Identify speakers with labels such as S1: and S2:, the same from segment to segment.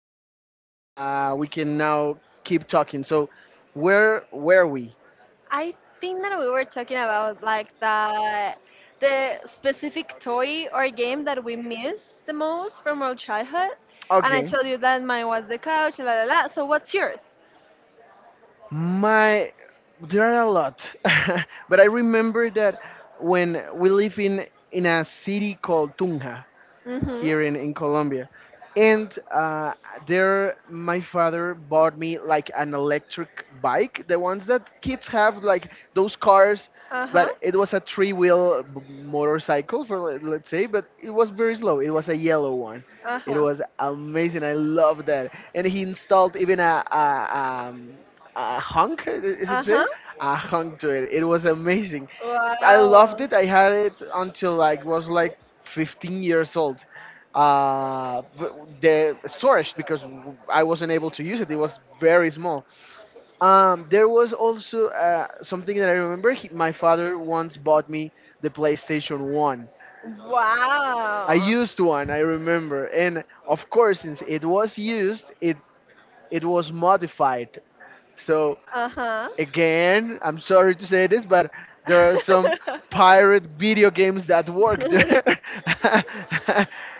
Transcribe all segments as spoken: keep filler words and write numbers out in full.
S1: However, uh, we can now keep talking. So, where were we?
S2: I think that we were talking about like the the specific toy or game that we miss the most from our childhood, and I
S1: Okay,
S2: told you that mine was the couch, la la la. So what's yours?
S1: my there are a lot, but I remember that when we live in in a city called Tunja.
S2: Mhm.
S1: Here in, in Colombia. And uh, there, my father bought me like an electric bike, the ones that kids have, like those cars,
S2: Uh huh.
S1: but it was a three wheel motorcycle, for let- let's say, but it was very slow. It was a yellow one.
S2: Uh
S1: It
S2: huh.
S1: was amazing. I love that. And he installed even a, a, um, a hunk, i- is it
S2: Uh
S1: say?
S2: huh.
S1: A hunk to it. It was amazing. I loved
S2: Wow.
S1: it. I had it until like was like fifteen years old uh, b- the storage because I wasn't able to use it. It was very small. Um, there was also uh, something that I remember. He, my father once bought me the PlayStation One. I
S2: Wow.
S1: used one. I remember, and of course, since it was used, it it was modified. So
S2: Uh huh.
S1: again, I'm sorry to say this, but there are some pirate video games that work there.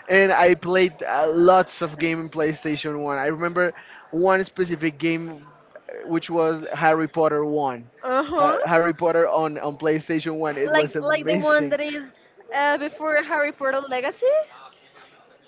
S1: And I played uh, lots of game in PlayStation one. I remember one specific game uh, which was Harry Potter one.
S2: uh
S1: Ha-
S2: huh.
S1: Harry Potter on, on PlayStation one. It was
S2: like like the one
S1: amazing.
S2: that is uh, before Harry Potter Legacy.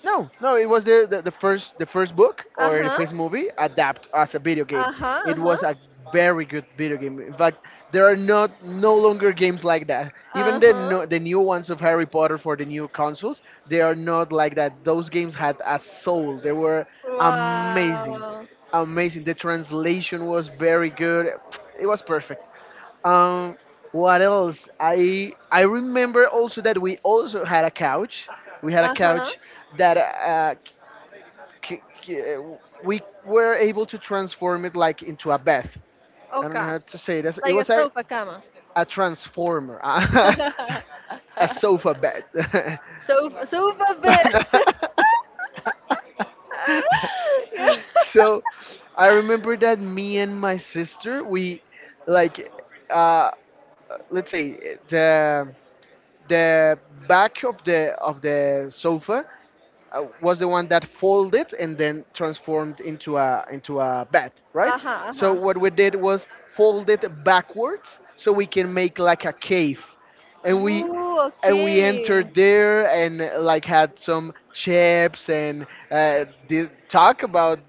S1: No, no, it was the, the, the first the first book
S2: Uh
S1: or the
S2: huh.
S1: first movie adapt as a video game.
S2: Uh huh. Uh
S1: It
S2: huh.
S1: was a very good video game. In fact, there are not no longer games like that. Even
S2: Uh
S1: the
S2: huh.
S1: no, the new ones of Harry Potter for the new consoles, they are not like that. Those games had a soul. They were amazing,
S2: Wow.
S1: amazing. The translation was very good. It was perfect. Um, what else? I I remember also that we also had a couch. We had a
S2: Uh huh.
S1: couch that uh, c- c- uh, we were able to transform it like into a bath. I don't know
S2: Okay.
S1: how to say this. It
S2: Like a
S1: was a
S2: sofa cama.
S1: a transformer, a sofa bed.
S2: sofa sofa bed. yeah.
S1: So I remember that me and my sister we like uh, let's say the the back of the of the sofa uh, was the one that folded and then transformed into a into a bed, right?
S2: Uh huh. Uh
S1: So
S2: huh.
S1: what we did was fold it backwards so we can make like a cave, and we
S2: Ooh.
S1: and we
S2: Okay.
S1: entered there and uh, like had some chips and uh, did talk about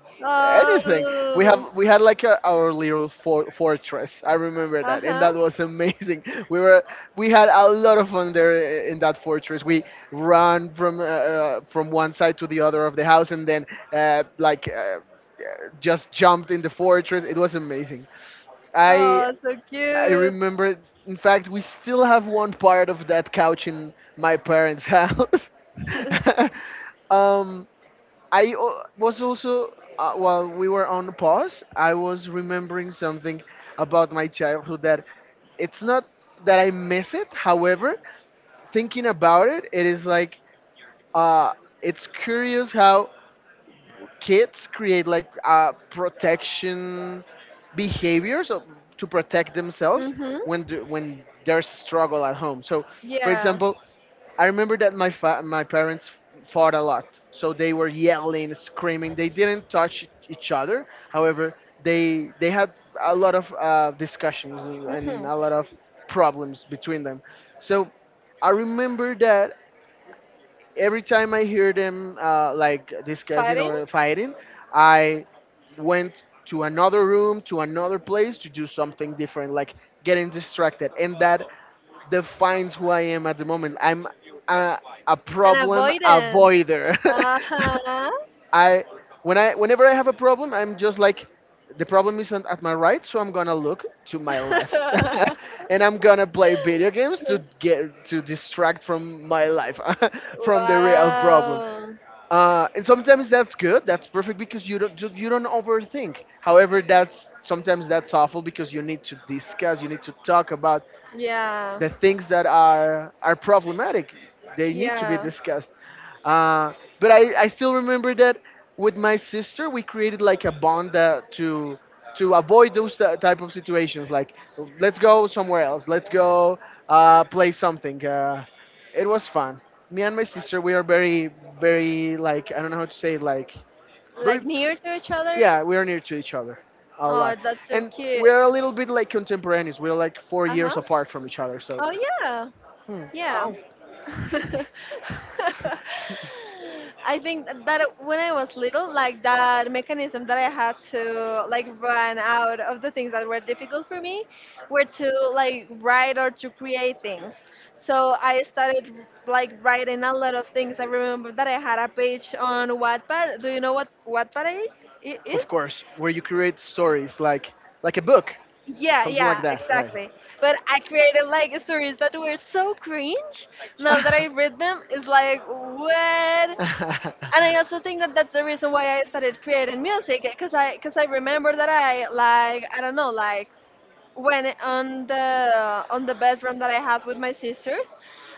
S1: anything. We have
S2: Oh.
S1: we had like a, our little for- fortress. I remember that, and
S2: Uh-huh.
S1: that was amazing. we were we had a lot of fun there i- in that fortress. We ran from uh, uh, from one side to the other of the house, and then uh, like uh, uh, just jumped in the fortress. It was amazing. I
S2: Oh, so
S1: I
S2: cute.
S1: remember. In fact, we still have one part of that couch in my parents' house. um, I o- was also, uh, while we were on pause, I was remembering something about my childhood that it's not that I miss it. However, thinking about it, it is like uh, it's curious how kids create like uh, protection behaviors of- to protect themselves when
S2: Mm-hmm.
S1: the, when there's struggle at home. So, for
S2: Yeah.
S1: example, I remember that my fa- my parents fought a lot, so they were yelling, screaming. They didn't touch each other. However, they they had a lot of uh, discussions and
S2: Mm-hmm.
S1: a lot of problems between them. So I remember that every time I hear them uh, like discussing
S2: Fighting?
S1: or fighting, I went to another room, to another place to do something different, like getting distracted. And that defines who I am at the moment. I'm a, a
S2: An
S1: problem
S2: avoidant.
S1: avoider.
S2: Uh-huh.
S1: I when I Whenever I have a problem, I'm just like the problem isn't at my right, so I'm gonna look to my left, and I'm gonna play video games to get to distract from my life, from the real problem.
S2: Wow.
S1: Uh, and sometimes that's good. That's perfect because you don't you you don't overthink. However, that's sometimes that's awful because you need to discuss, you need to talk about
S2: Yeah.
S1: the things that are are problematic. They need to be
S2: Yeah.
S1: discussed. Uh, but I, I still remember that with my sister we created like a bond that to to avoid those t- type of situations. Like, let's go somewhere else. Let's go uh, play something. Uh, it was fun. Me and my sister we are very very like, I don't know how to say it, like very,
S2: Like near to each other.
S1: yeah, we are near to each other a
S2: Oh,
S1: lot,
S2: that's so
S1: and
S2: cute.
S1: we're a little bit like contemporaneous. We're like four years
S2: Uh-huh.
S1: apart from each other, so
S2: Oh yeah.
S1: hmm.
S2: Yeah.
S1: Ow.
S2: I think that when I was little, like that mechanism that I had to like run out of the things that were difficult for me were to like write or to create things. So I started like writing a lot of things. I remember that I had a page on Wattpad. Do you know what Wattpad i- i- is?
S1: Of course, where you create stories like like a book,
S2: Yeah,
S1: something
S2: yeah,
S1: like that, right?
S2: exactly. But I created like stories that were so cringe. Now that I read them, it's like what? And I also think that that's the reason why I started creating music, because I because I remember that I like I don't know, like when on the on the bedroom that I had with my sisters,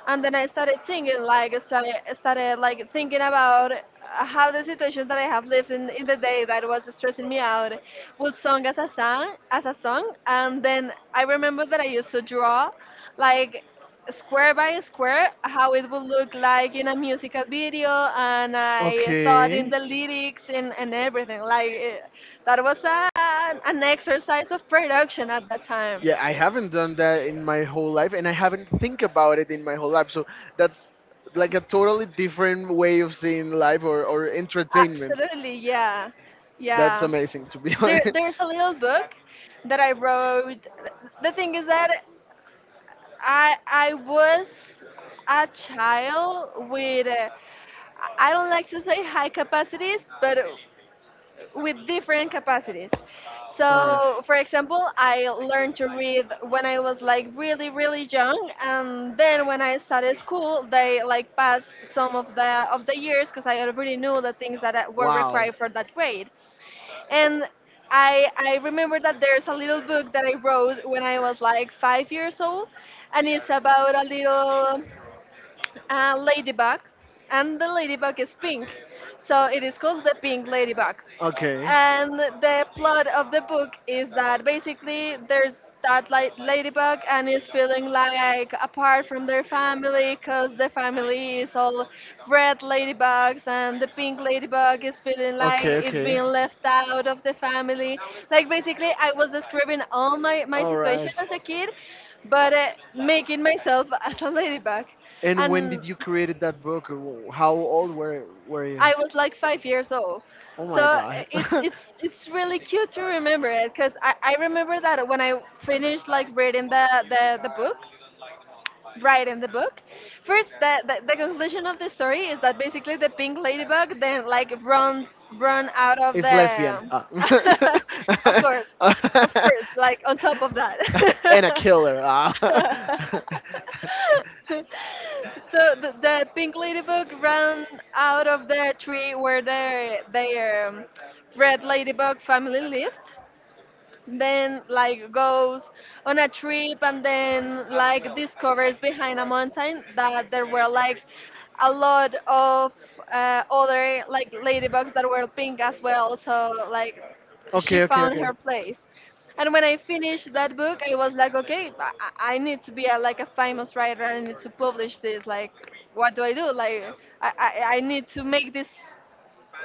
S2: and then I started thinking, like, started, started like thinking about how the situation that I have lived in, in the day, that was stressing me out, would song as a song, as a song, and then I remember that I used to draw, like square by square, how it would look like in a musical video, and I thought in the lyrics and, and everything, like eh, that was an, an exercise of production at that time.
S1: Yeah, I haven't done that in my whole life, and I haven't think about it in my whole life. So that's like a totally different way of seeing life or, or entertainment.
S2: Absolutely, yeah.
S1: That's
S2: Yeah.
S1: amazing, to be
S2: There
S1: honest.
S2: there's a little book that I wrote. The thing is that I I was a child with uh, I don't like to say high capacities, but with different capacities.
S1: All right.
S2: So, for example, I learned to read when I was like really, really young, and then when I started school, they like passed some of the of the years because I already knew the things that I- were
S1: Wow.
S2: required for that grade. And I I remember that there's a little book that I wrote when I was like five years old, and it's about a little a ladybug, and the ladybug is pink, so it is called the pink ladybug.
S1: Okay.
S2: And the plot of the book is that basically there's that like ladybug, and is feeling like apart from their family, because the family is all red ladybugs and the pink ladybug is feeling like
S1: Okay,
S2: it's
S1: okay.
S2: being left out of the family, like basically I was describing all my, my
S1: All
S2: situation
S1: right.
S2: as a kid, but uh, making myself as a ladybug,
S1: And when
S2: and
S1: did you create that book? Wh- How old were were you?
S2: I was like five years old.
S1: Oh
S2: So
S1: my
S2: uh,
S1: God.
S2: it's it's it's really cute to remember it, because I, I remember that when I finished like reading the, the, the book, writing the book, first the, the, the conclusion of the story is that basically the pink ladybug then like runs run out of
S1: It's lesbian.
S2: the
S1: Ah.
S2: of course, of course, like on top of that,
S1: And a killer. Ah.
S2: so the, the pink ladybug ran out of the tree where their their um, red ladybug family lived, then like goes on a trip, and then like discovers behind a mountain that there were like a lot of uh, other like ladybugs that were pink as well, so like she
S1: Okay, okay,
S2: found
S1: okay.
S2: her place. And when I finished that book, I was like, okay, i, I I need to be a, like a famous writer, I need to publish this, like what do I do, like i, I, I need to make this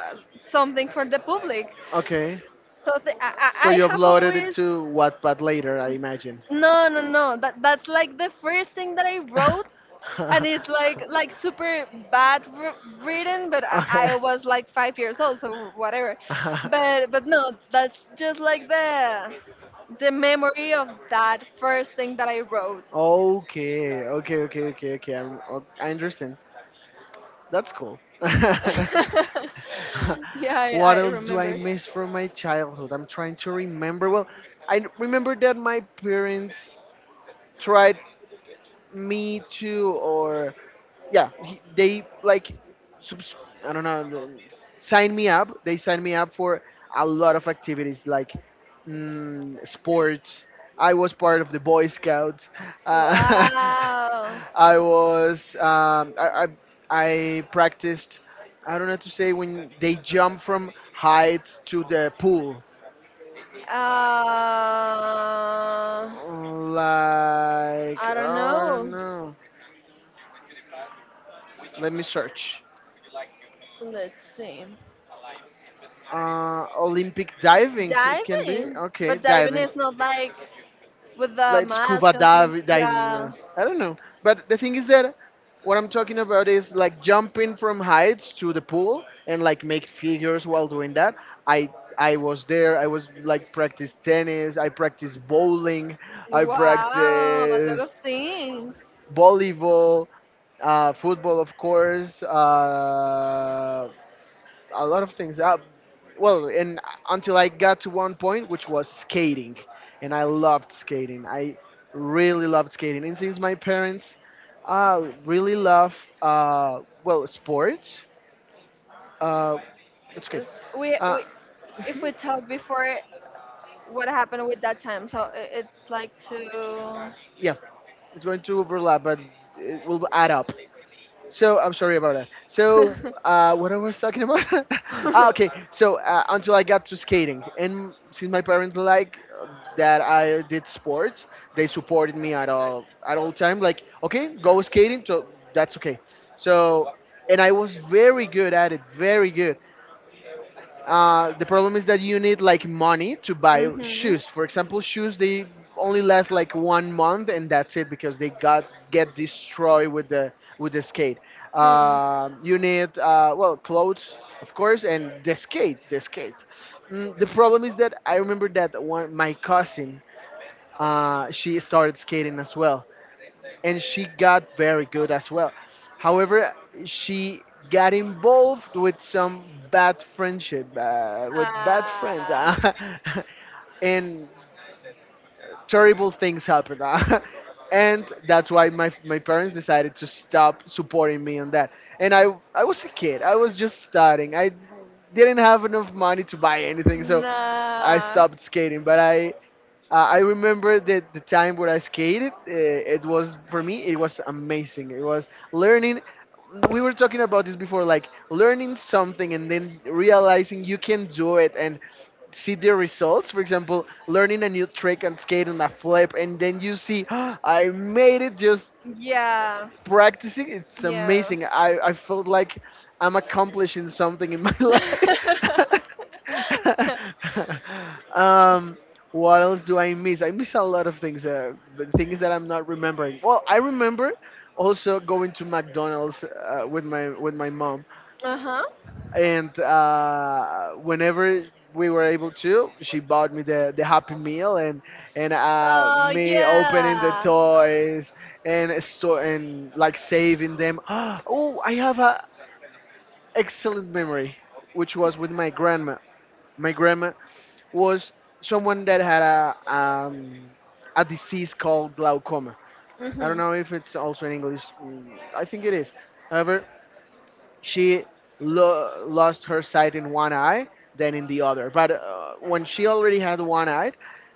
S2: uh, something for the public.
S1: Okay.
S2: So th- I, I
S1: So
S2: I
S1: you
S2: have
S1: uploaded it
S2: always.
S1: to Wattpad later, I imagine.
S2: No, no, no. That that's like the first thing that I wrote, and it's like like super bad wr written. But I,
S1: Okay.
S2: I was like five years old, so whatever. But but no, that's just like the the memory of that first thing that I wrote.
S1: Okay, okay, okay, okay, okay. I'm, o- I understand. That's cool.
S2: yeah,
S1: What
S2: I, I
S1: else do I
S2: remember.
S1: miss from my childhood? I'm trying to remember. Well, I n- remember that my parents tried me too, or yeah, he, they like subs- I don't know, sign me up. They sign me up for a lot of activities like mm, sports. I was part of the Boy Scouts. Uh,
S2: Wow.
S1: I was um, I, I I practiced. I don't know how to say when they jump from heights to the pool.
S2: Uh,
S1: Like,
S2: I don't
S1: I don't
S2: know.
S1: know. Let me search.
S2: Let's see.
S1: Uh, Olympic diving, it can be.
S2: Diving,
S1: Okay,
S2: but diving
S1: diving.
S2: is not like with the
S1: Like
S2: mask
S1: scuba
S2: or something.
S1: dive, diving.
S2: Yeah.
S1: uh, I don't know. But the thing is that what I'm talking about is like jumping from heights to the pool and like make figures while doing that. I I was there. I was like practice tennis. I practiced bowling. I
S2: Wow, a lot
S1: practiced
S2: of things.
S1: volleyball, uh, football, of course. Uh, a lot of things. Uh, well, and until I got to one point, which was skating, and I loved skating. I really loved skating, and since my parents uh, really love uh, well, sports, uh, that's okay.
S2: Because we,
S1: Uh,
S2: we, if we talk before what happened with that time, so i- it's like to.
S1: yeah, it's going to overlap, but it will add up. So I'm sorry about that. So uh, what I was talking about? Ah, okay. So uh, until I got to skating, and since my parents like uh, that I did sports, they supported me at all at all time. Like, okay, go skating. So that's okay. So and I was very good at it, very good. Uh, the problem is that you need like money to buy
S2: mhm.
S1: shoes. For example, shoes they only last like one month and that's it because they got get destroyed with the with the skate.
S2: Hmm.
S1: Uh, you need uh, well, clothes, of course, and the skate the skate. Mm, the problem is that I remember that one my cousin, uh, she started skating as well, and she got very good as well. However, she got involved with some bad friendship, uh, with bad friends,
S2: Ah.
S1: and terrible things happened. And that's why my, my parents decided to stop supporting me on that. And I, I was a kid, I was just starting. I didn't have enough money to buy anything, so I
S2: Nah.
S1: stopped skating. But I, uh, I remember that the time when I skated, uh, it was for me, it was amazing. It was learning. We were talking about this before, like learning something and then realizing you can do it, and see the results. For example, learning a new trick and skating a flip, and then you see, I made it just
S2: Yeah.
S1: practicing. It's
S2: Yeah.
S1: amazing. I, I felt like I'm accomplishing something in my life. um, what else do I miss? I miss a lot of things, uh, but things that I'm not remembering. Well, I remember also going to McDonald's uh, with my with my mom
S2: uh huh.
S1: and uh, whenever we were able to, she bought me the, the Happy Meal, and and uh,
S2: Uh,
S1: me opening the
S2: yeah.
S1: toys and so and like saving them. Oh, I have a excellent memory, which was with my grandma. My grandma was someone that had a um, a disease called glaucoma. I don't
S2: Mm-hmm.
S1: know if it's also in English. Mm, I think it is. However, she lo- lost her sight in one eye, then in the other. But uh, when she already had one eye,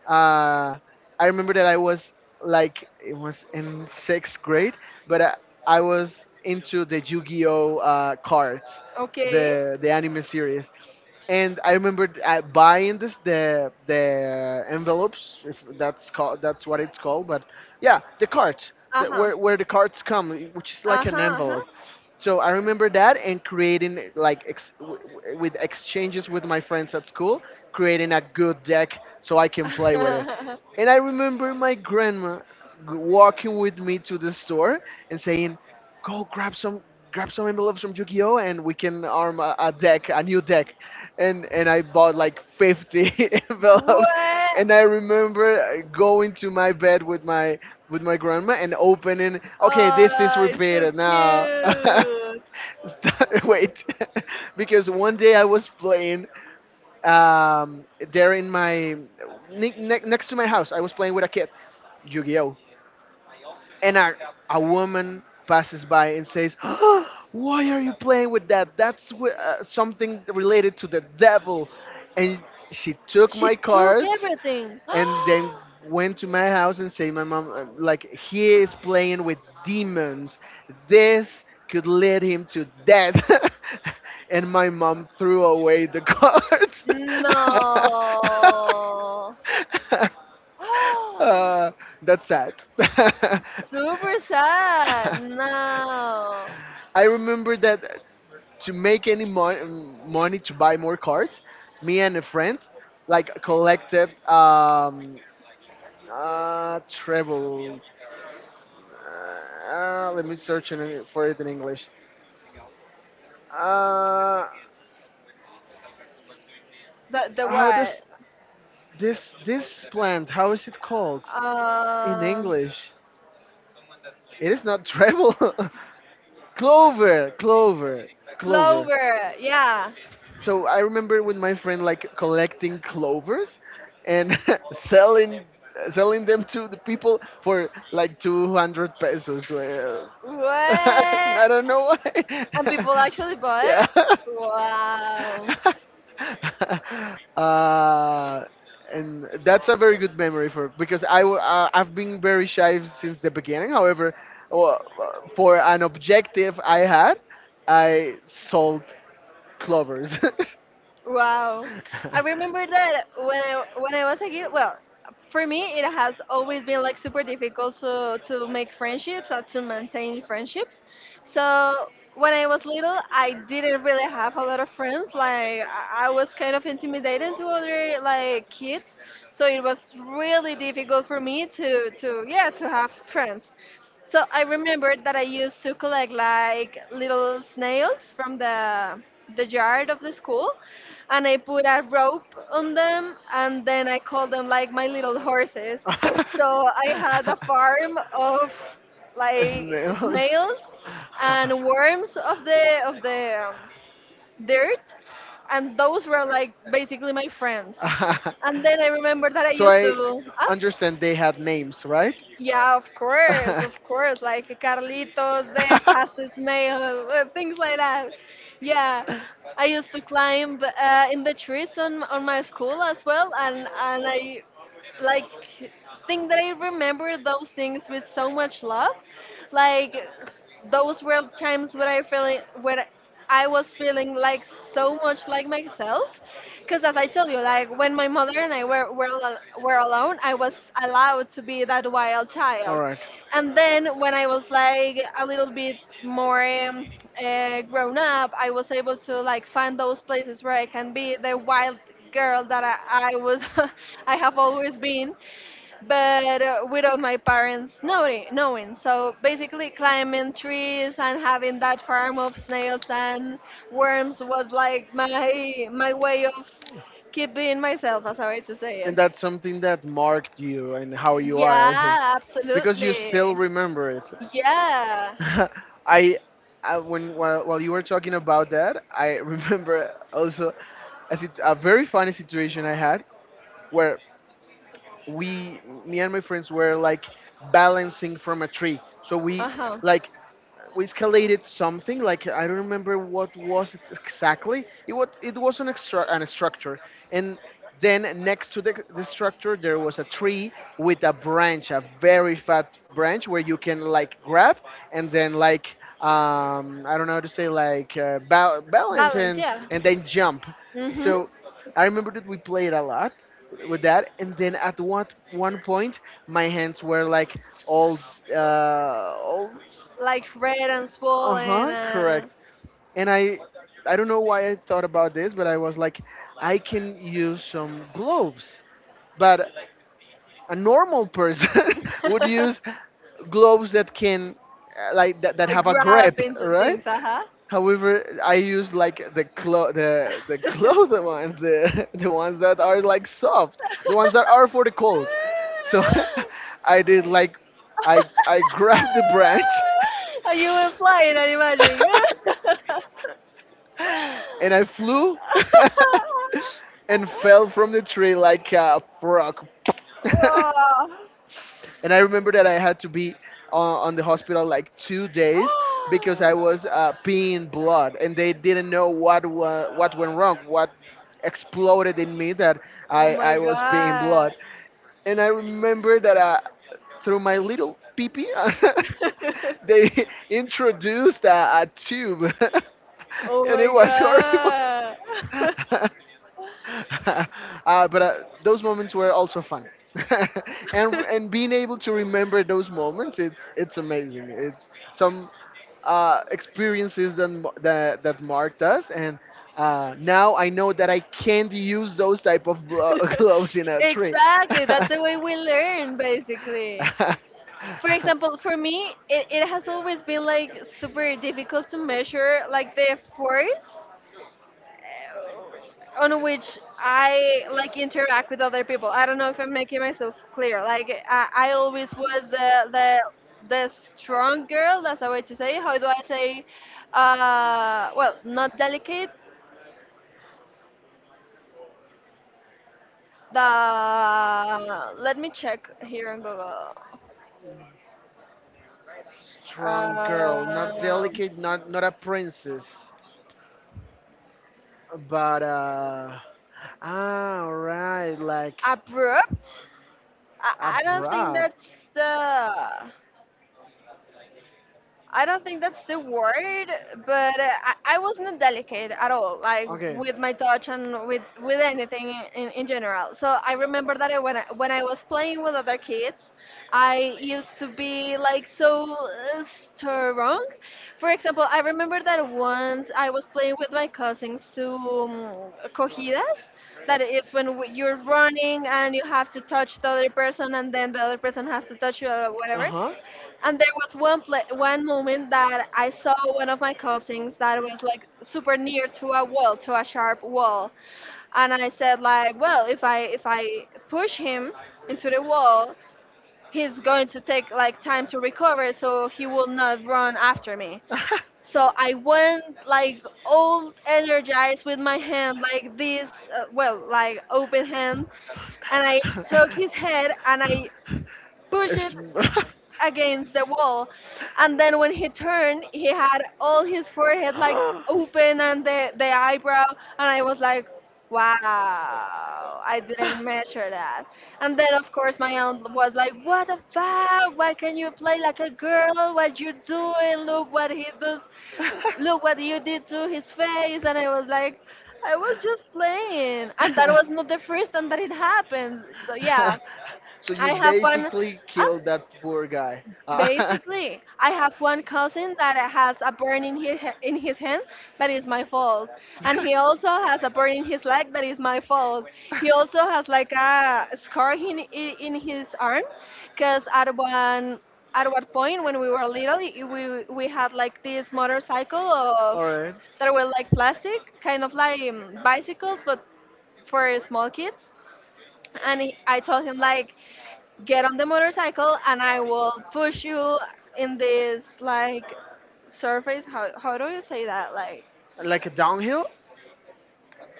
S1: uh, I remember that I was, like, it was in sixth grade, but I, I was into the Yu-Gi-Oh uh, cards,
S2: Okay.
S1: the the anime series, and I remembered uh, buying this the the envelopes, if that's called that's what it's called, but yeah, the cards. The,
S2: Uh-huh.
S1: where, where the cards come, which is like an
S2: Uh-huh.
S1: envelope, so I remember that and creating, like, ex- w- w- with exchanges with my friends at school, creating a good deck so I can play with it.
S2: Uh-huh.
S1: And I remember my grandma g- walking with me to the store and saying, go grab some grab some envelopes from Yu-Gi-Oh, and we can arm a, a deck, a new deck. And and I bought like fifty envelopes,
S2: what?
S1: and I remember uh, going to my bed with my with my grandma and opening, okay, this is
S2: Oh, it's so
S1: repeated now.
S2: cute.
S1: Stop- Wait. Because one day I was playing um, there in my ne- ne- next to my house. I was playing with a kid, Yu-Gi-Oh, and a, a woman passes by and says, "Oh, why are you playing with that? That's wh- uh, something related to the devil." And she took
S2: She
S1: my
S2: took
S1: cards
S2: everything.
S1: and then went to my house and said, "My mom, uh, like, he is playing with demons. This could lead him to death." And my mom threw away the cards.
S2: no.
S1: Uh, that's sad.
S2: Super sad. No.
S1: I remember that to make any mon- money to buy more cards, me and a friend, like, collected um, uh, treble. Uh, let me search in, for it in English. Uh,
S2: The the
S1: how does
S2: what?
S1: this this plant? How is it called in
S2: Uh,
S1: English? It is not treble. Clover, clover, clover.
S2: Clover. Yeah.
S1: So I remember with my friend, like, collecting clovers and selling selling them to the people for like 200 pesos. Like, uh, I
S2: What?
S1: don't know why.
S2: And people actually bought
S1: Yeah.
S2: it? Wow.
S1: uh, and that's a very good memory for because I w- uh, I've been very shy since the beginning. However, uh, for an objective I had, I sold clovers.
S2: Wow. I remember that when I when I was a kid, well, for me it has always been like super difficult to to make friendships or to maintain friendships. So when I was little, I didn't really have a lot of friends. Like I I was kind of intimidated to other like kids, so it was really difficult for me to to yeah, to have friends. So I remembered that I used to collect like little snails from the the yard of the school, and I put a rope on them, and then I called them like my little horses. So I had a farm of like
S1: Snails.
S2: snails and worms of the of the um, dirt, and those were like basically my friends. And then I remembered that I
S1: So
S2: used
S1: I
S2: to. Huh?
S1: understand they had names, right?
S2: Yeah, of course, of course. Like Carlitos, the fastest male, uh, things like that. Yeah, I used to climb uh, in the trees on, on my school as well, and and I like think that I remember those things with so much love. Like s- those were times when I feeling when I was feeling like so much like myself. Because as I told you, like when my mother and I were were, al- were alone, I was allowed to be that wild
S1: All
S2: child.
S1: right.
S2: And then when I was like a little bit more um, uh, grown up, I was able to like find those places where I can be the wild girl that I, I was, I have always been, but uh, without my parents knowing, knowing. So basically, climbing trees and having that farm of snails and worms was like my my way of keeping myself. As I'm to say
S1: And
S2: it.
S1: that's something that marked you and how you are, I think,
S2: Yeah,
S1: because you still
S2: absolutely.
S1: remember it.
S2: Yeah.
S1: I, I when while, while you were talking about that, I remember also a, sit- a very funny situation I had where we, me and my friends, were, like, balancing from a tree. So we
S2: Uh huh.
S1: like we escalated something, like, I don't remember what was it exactly. It was it was an extra an structure, and then next to the, the structure there was a tree with a branch, a very fat branch where you can, like, grab and then, like, um, I don't know how to say, like, uh, bal- balance,
S2: Balance,
S1: and
S2: yeah.
S1: and then jump.
S2: Hmm.
S1: So I remember that we played a lot with that, and then at one one point my hands were, like, all uh, all.
S2: Like red and
S1: Uh
S2: swollen.
S1: huh,
S2: Uh...
S1: correct. And I, I don't know why I thought about this, but I was like, I can use some gloves. But a normal person would use gloves that can, uh, like that, that
S2: I
S1: have a
S2: grab
S1: grip,
S2: into
S1: right?
S2: things, uh huh.
S1: However, I use, like, the clo- the the clothes ones, the the ones that are, like, soft, the ones that are for the cold. So I did, like, I I grabbed the branch.
S2: Are you were flying? I imagine.
S1: And I flew and fell from the tree like a frog.
S2: Wow.
S1: And I remember that I had to be on, on the hospital like two days because I was uh, peeing blood, and they didn't know what wa- what went wrong, what exploded in me that
S2: Oh
S1: I,
S2: my
S1: I was peeing
S2: god.
S1: blood. And I remember that uh, through my little peepee, they introduced a, a tube,
S2: Oh
S1: and
S2: my
S1: it was horrible.
S2: god.
S1: Uh, but uh, those moments were also fun. and and being able to remember those moments, it's it's amazing. It's some uh, experiences that m- that that marked us, and uh, now I know that I can't use those type of blo- gloves in a tree.
S2: exactly. That's the way we learn, basically. For example, for me, it, it has always been like super difficult to measure like the force on which I like interact with other people. I don't know if I'm making myself clear. Like I, I always was the the the strong girl. That's a way to say. It. How do I say? Uh, well, not delicate. The Let me check here on Google.
S1: Strong girl, not
S2: Um,
S1: delicate, not not a princess, but uh, ah, all right, like,
S2: Abrupt. I, I don't think that's
S1: Abrupt.
S2: the I don't think that's the word, but uh, I, I wasn't delicate at all, like
S1: Okay.
S2: with my touch and with with anything in, in general. So I remember that I, when I, when I was playing with other kids, I used to be like so uh, strong. For example, I remember that once I was playing with my cousins to um, cogidas. That is when w- you're running and you have to touch the other person, and then the other person has to touch you or
S1: Uh
S2: whatever.
S1: huh.
S2: And there was one pla one moment that I saw one of my cousins that was like super near to a wall, to a sharp wall, and I said like, well, if I if I push him into the wall, he's going to take like time to recover, so he will not run after me. So I went like all energized with my hand like this, uh, well, like open hand, and I took his head and I pushed
S1: It's
S2: it
S1: pushed against.
S2: against the wall. And then when he turned, he had all his forehead like open, and the, the eyebrow. And I was like, wow, I didn't measure that. And then, of course, my aunt was like, what the fuck? Why can you play like a girl? What you doing? Look what he does. Look what you did to his face. And I was like, I was just playing. And that was not the first time that it happened. So, yeah,
S1: So you
S2: I
S1: I had one
S2: have fun.
S1: basically
S2: Huh?
S1: killed that poor guy. Cousin.
S2: Basically, I have one cousin that has a burn in his in his hand that is my fault, and he also has a burn in his leg that is my fault. He also has like a scar in in in his arm, because at one at one point when we were little, i- we we had like this motorcycle of
S1: All right.
S2: that were like plastic, kind of like um, bicycles, but for small kids, and he- I told him, like, get on the motorcycle and I will push you in this like surface. How how do you say that? Like
S1: Like a downhill?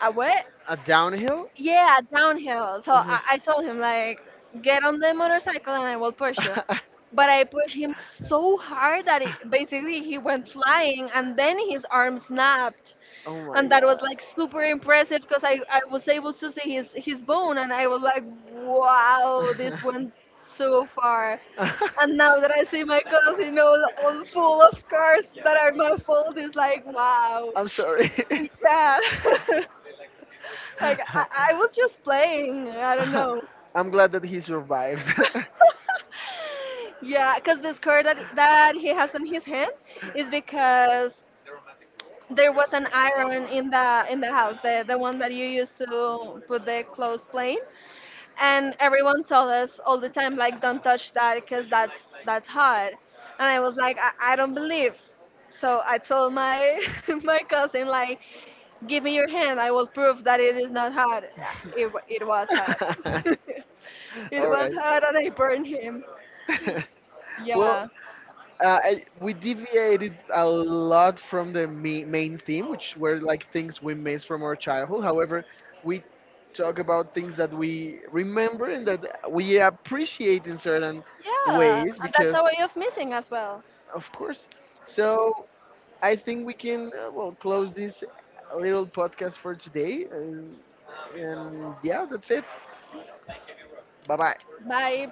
S2: a what?
S1: A downhill?
S2: Yeah, downhill. So I,
S1: Okay.
S2: I told him, like, get on the motorcycle and I will push you. But I pushed him so hard that it, basically he went flying, and then his arm snapped.
S1: Oh my
S2: And that was
S1: god.
S2: like super impressive because I, I was able to see his, his bone, and I was like, wow, this went so far. And now that I see my cousin all, all full of scars that are my fault, it's like, wow.
S1: I'm sorry.
S2: Yeah. like, I, I was just playing. I don't know.
S1: I'm glad that he survived.
S2: Yeah, because the scar that, that he has on his hand is because there was an iron in the in the house, the, the one that you used to put the clothes plane. And everyone tell us all the time, like, don't touch that because that's that's hot. And I was like, i, I don't believe, so I told my my cousin, like, give me your hand, I will prove that it is not hot. It, wa- it was hot, it
S1: All
S2: was
S1: right.
S2: hot, and I burned him.
S1: Well,
S2: Yeah,
S1: uh, I, we deviated a lot from the me- main theme, which were, like, things we miss from our childhood. However, we talk about things that we remember and that we appreciate in certain
S2: yeah,
S1: ways
S2: and that's
S1: because,
S2: a way of missing as well.
S1: of course. So I think we can, uh, well, close this little podcast for today, and, and yeah, that's it. Bye bye.
S2: Bye.